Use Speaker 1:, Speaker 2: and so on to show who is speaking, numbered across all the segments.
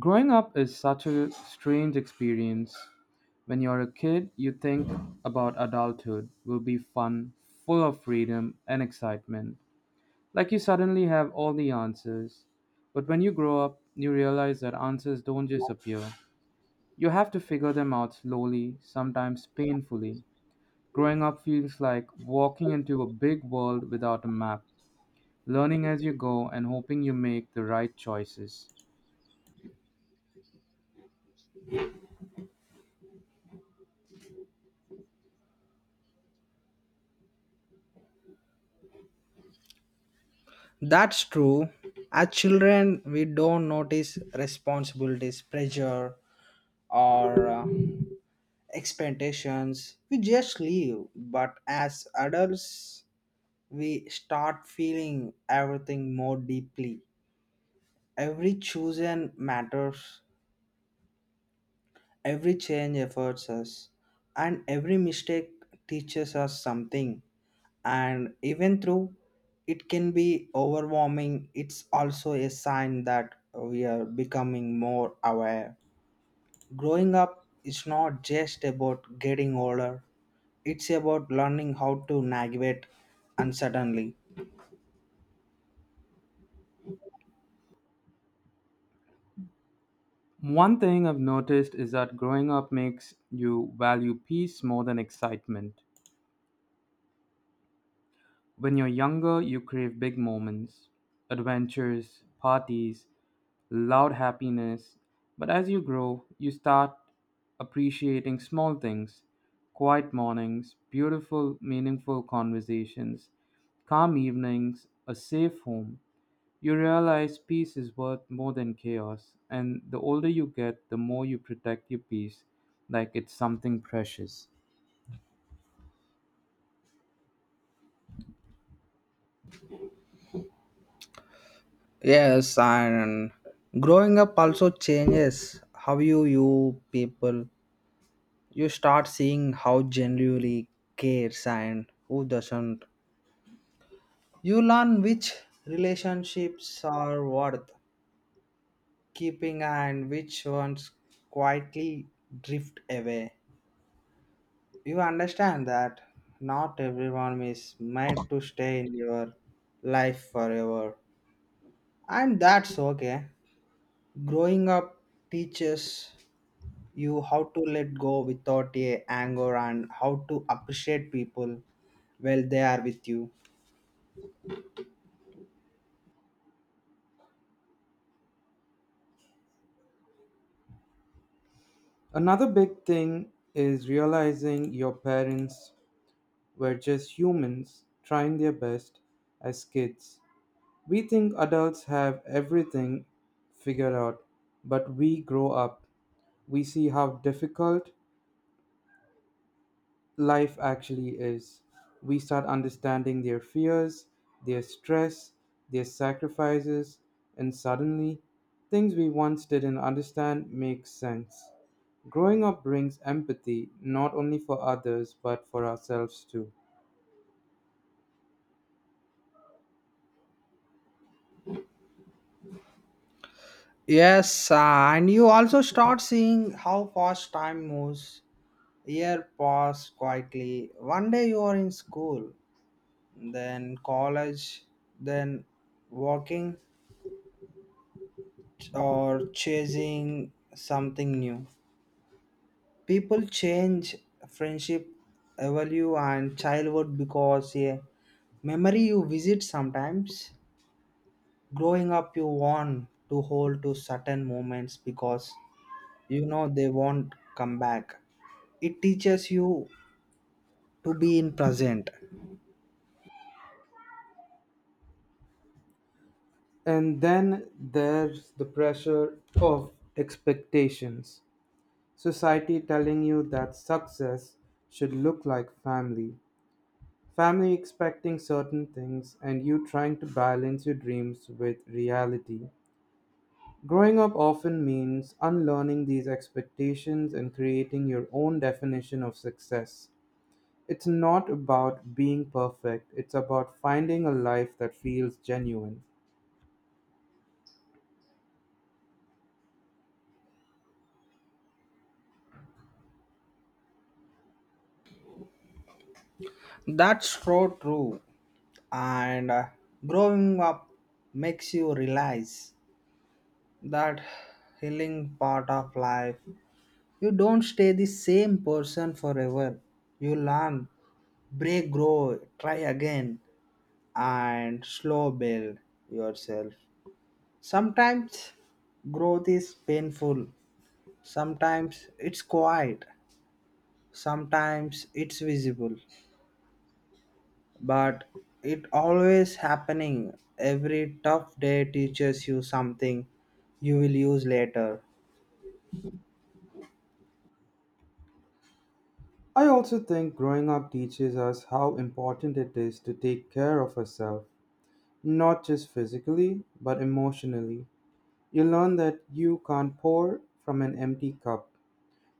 Speaker 1: Growing up is such a strange experience. When you're a kid, you think about adulthood will be fun, full of freedom and excitement, like you suddenly have all the answers. But when you grow up, you realize that answers don't just appear. You have to figure them out slowly, sometimes painfully. Growing up feels like walking into a big world without a map, learning as you go and hoping you make the right choices.
Speaker 2: That's true. As children, we don't notice responsibilities, pressure, or expectations. We just live. But as adults, we start feeling everything more deeply. Every chosen matters. Every change efforts us, and every mistake teaches us something. And even though it can be overwhelming, it's also a sign that we are becoming more aware. Growing up is not just about getting older, it's about learning how to navigate uncertainly.
Speaker 1: One thing I've noticed is that growing up makes you value peace more than excitement. When you're younger, you crave big moments, adventures, parties, loud happiness. But as you grow, you start appreciating small things, quiet mornings, beautiful, meaningful conversations, calm evenings, a safe home. You realize peace is worth more than chaos, and the older you get, the more you protect your peace like it's something precious.
Speaker 2: Yes, and growing up also changes how you view people. You start seeing how genuinely cares and who doesn't. You learn which relationships are worth keeping and which ones quietly drift away. You understand that not everyone is meant to stay in your life forever, and that's okay. Growing up teaches you how to let go without a anger, and how to appreciate people while they are with you.
Speaker 1: Another big thing is realizing your parents were just humans trying their best. As kids, we think adults have everything figured out, but we grow up. We see how difficult life actually is. We start understanding their fears, their stress, their sacrifices, and suddenly, things we once didn't understand make sense. Growing up brings empathy not only for others but for ourselves too.
Speaker 2: Yes, and you also start seeing how fast time moves. Year pass quietly. One day you are in school, then college, then working or chasing something new. People change, friendship value and childhood because a memory you visit sometimes. Growing up, you want to hold to certain moments because you know they won't come back. It teaches you to be in present.
Speaker 1: And then there's the pressure of expectations. Society telling you that success should look like family, family expecting certain things, and you trying to balance your dreams with reality. Growing up often means unlearning these expectations and creating your own definition of success. It's not about being perfect, it's about finding a life that feels genuine.
Speaker 2: That's so true, and growing up makes you realize that healing part of life. You don't stay the same person forever. You learn, break, grow, try again, and slow build yourself. Sometimes growth is painful, sometimes it's quiet, sometimes it's visible, but it always happening. Every tough day teaches you something you will use later.
Speaker 1: I also think growing up teaches us how important it is to take care of ourselves, not just physically, but emotionally. You learn that you can't pour from an empty cup.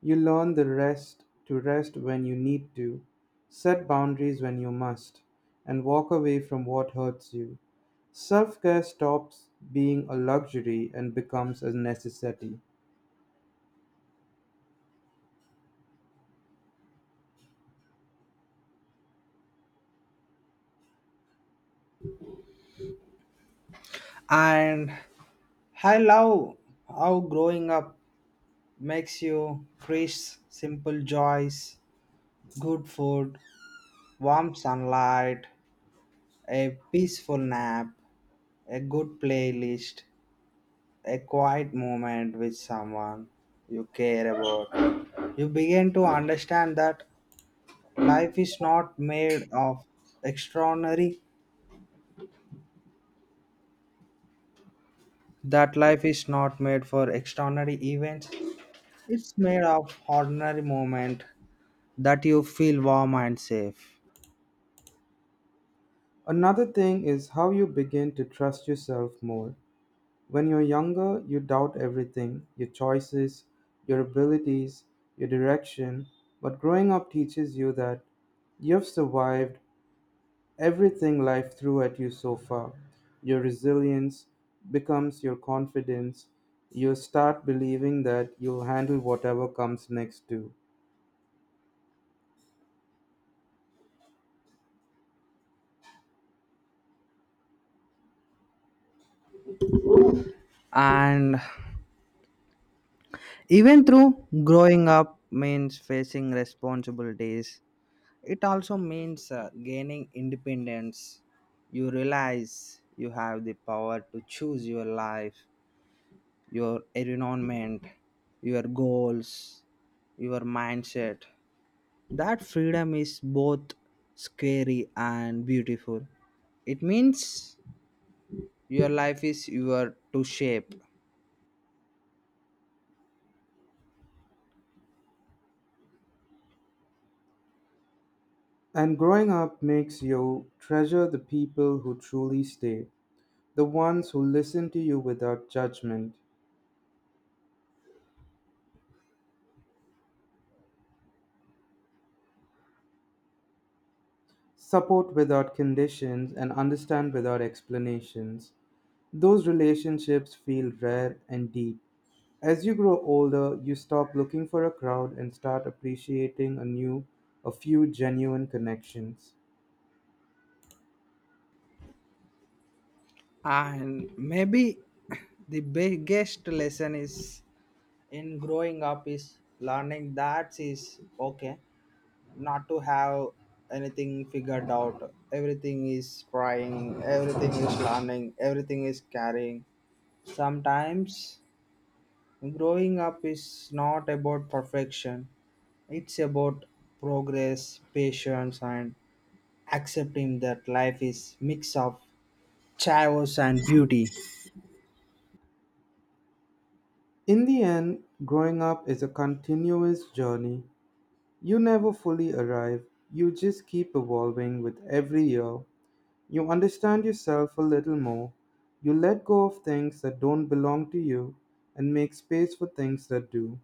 Speaker 1: You learn the rest to rest when you need to, set boundaries when you must, and walk away from what hurts you. Self care stops being a luxury and becomes a necessity.
Speaker 2: And I love how growing up makes you crisp simple joys: good food, warm sunlight, a peaceful nap, a good playlist, a quiet moment with someone you care about. You begin to understand that life is not made of extraordinary, that life is not made for extraordinary events. It's made of ordinary moment that you feel warm and safe.
Speaker 1: Another thing is how you begin to trust yourself more. When you're younger, you doubt everything, your choices, your abilities, your direction. But growing up teaches you that you've survived everything life threw at you so far. Your resilience becomes your confidence. You start believing that you'll handle whatever comes next, too.
Speaker 2: And even through growing up means facing responsibilities, it also means gaining independence. You realize you have the power to choose your life, your environment, your goals, your mindset. That freedom is both scary and beautiful. It means your life is your to shape.
Speaker 1: And growing up makes you treasure the people who truly stay, the ones who listen to you without judgment, support without conditions, and understand without explanations. Those relationships feel rare and deep. As you grow older, you stop looking for a crowd and start appreciating a few genuine connections.
Speaker 2: And maybe the biggest lesson is in growing up is learning that is okay not to have anything figured out. Everything is trying, everything is learning, everything is carrying. Sometimes growing up is not about perfection. It's about progress, patience, and accepting that life is mix of chaos and beauty.
Speaker 1: In the end, growing up is a continuous journey. You never fully arrive. You just keep evolving with every year. You understand yourself a little more. You let go of things that don't belong to you and make space for things that do.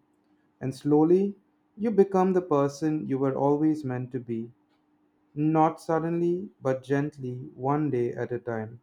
Speaker 1: And slowly, you become the person you were always meant to be. Not suddenly, but gently, one day at a time.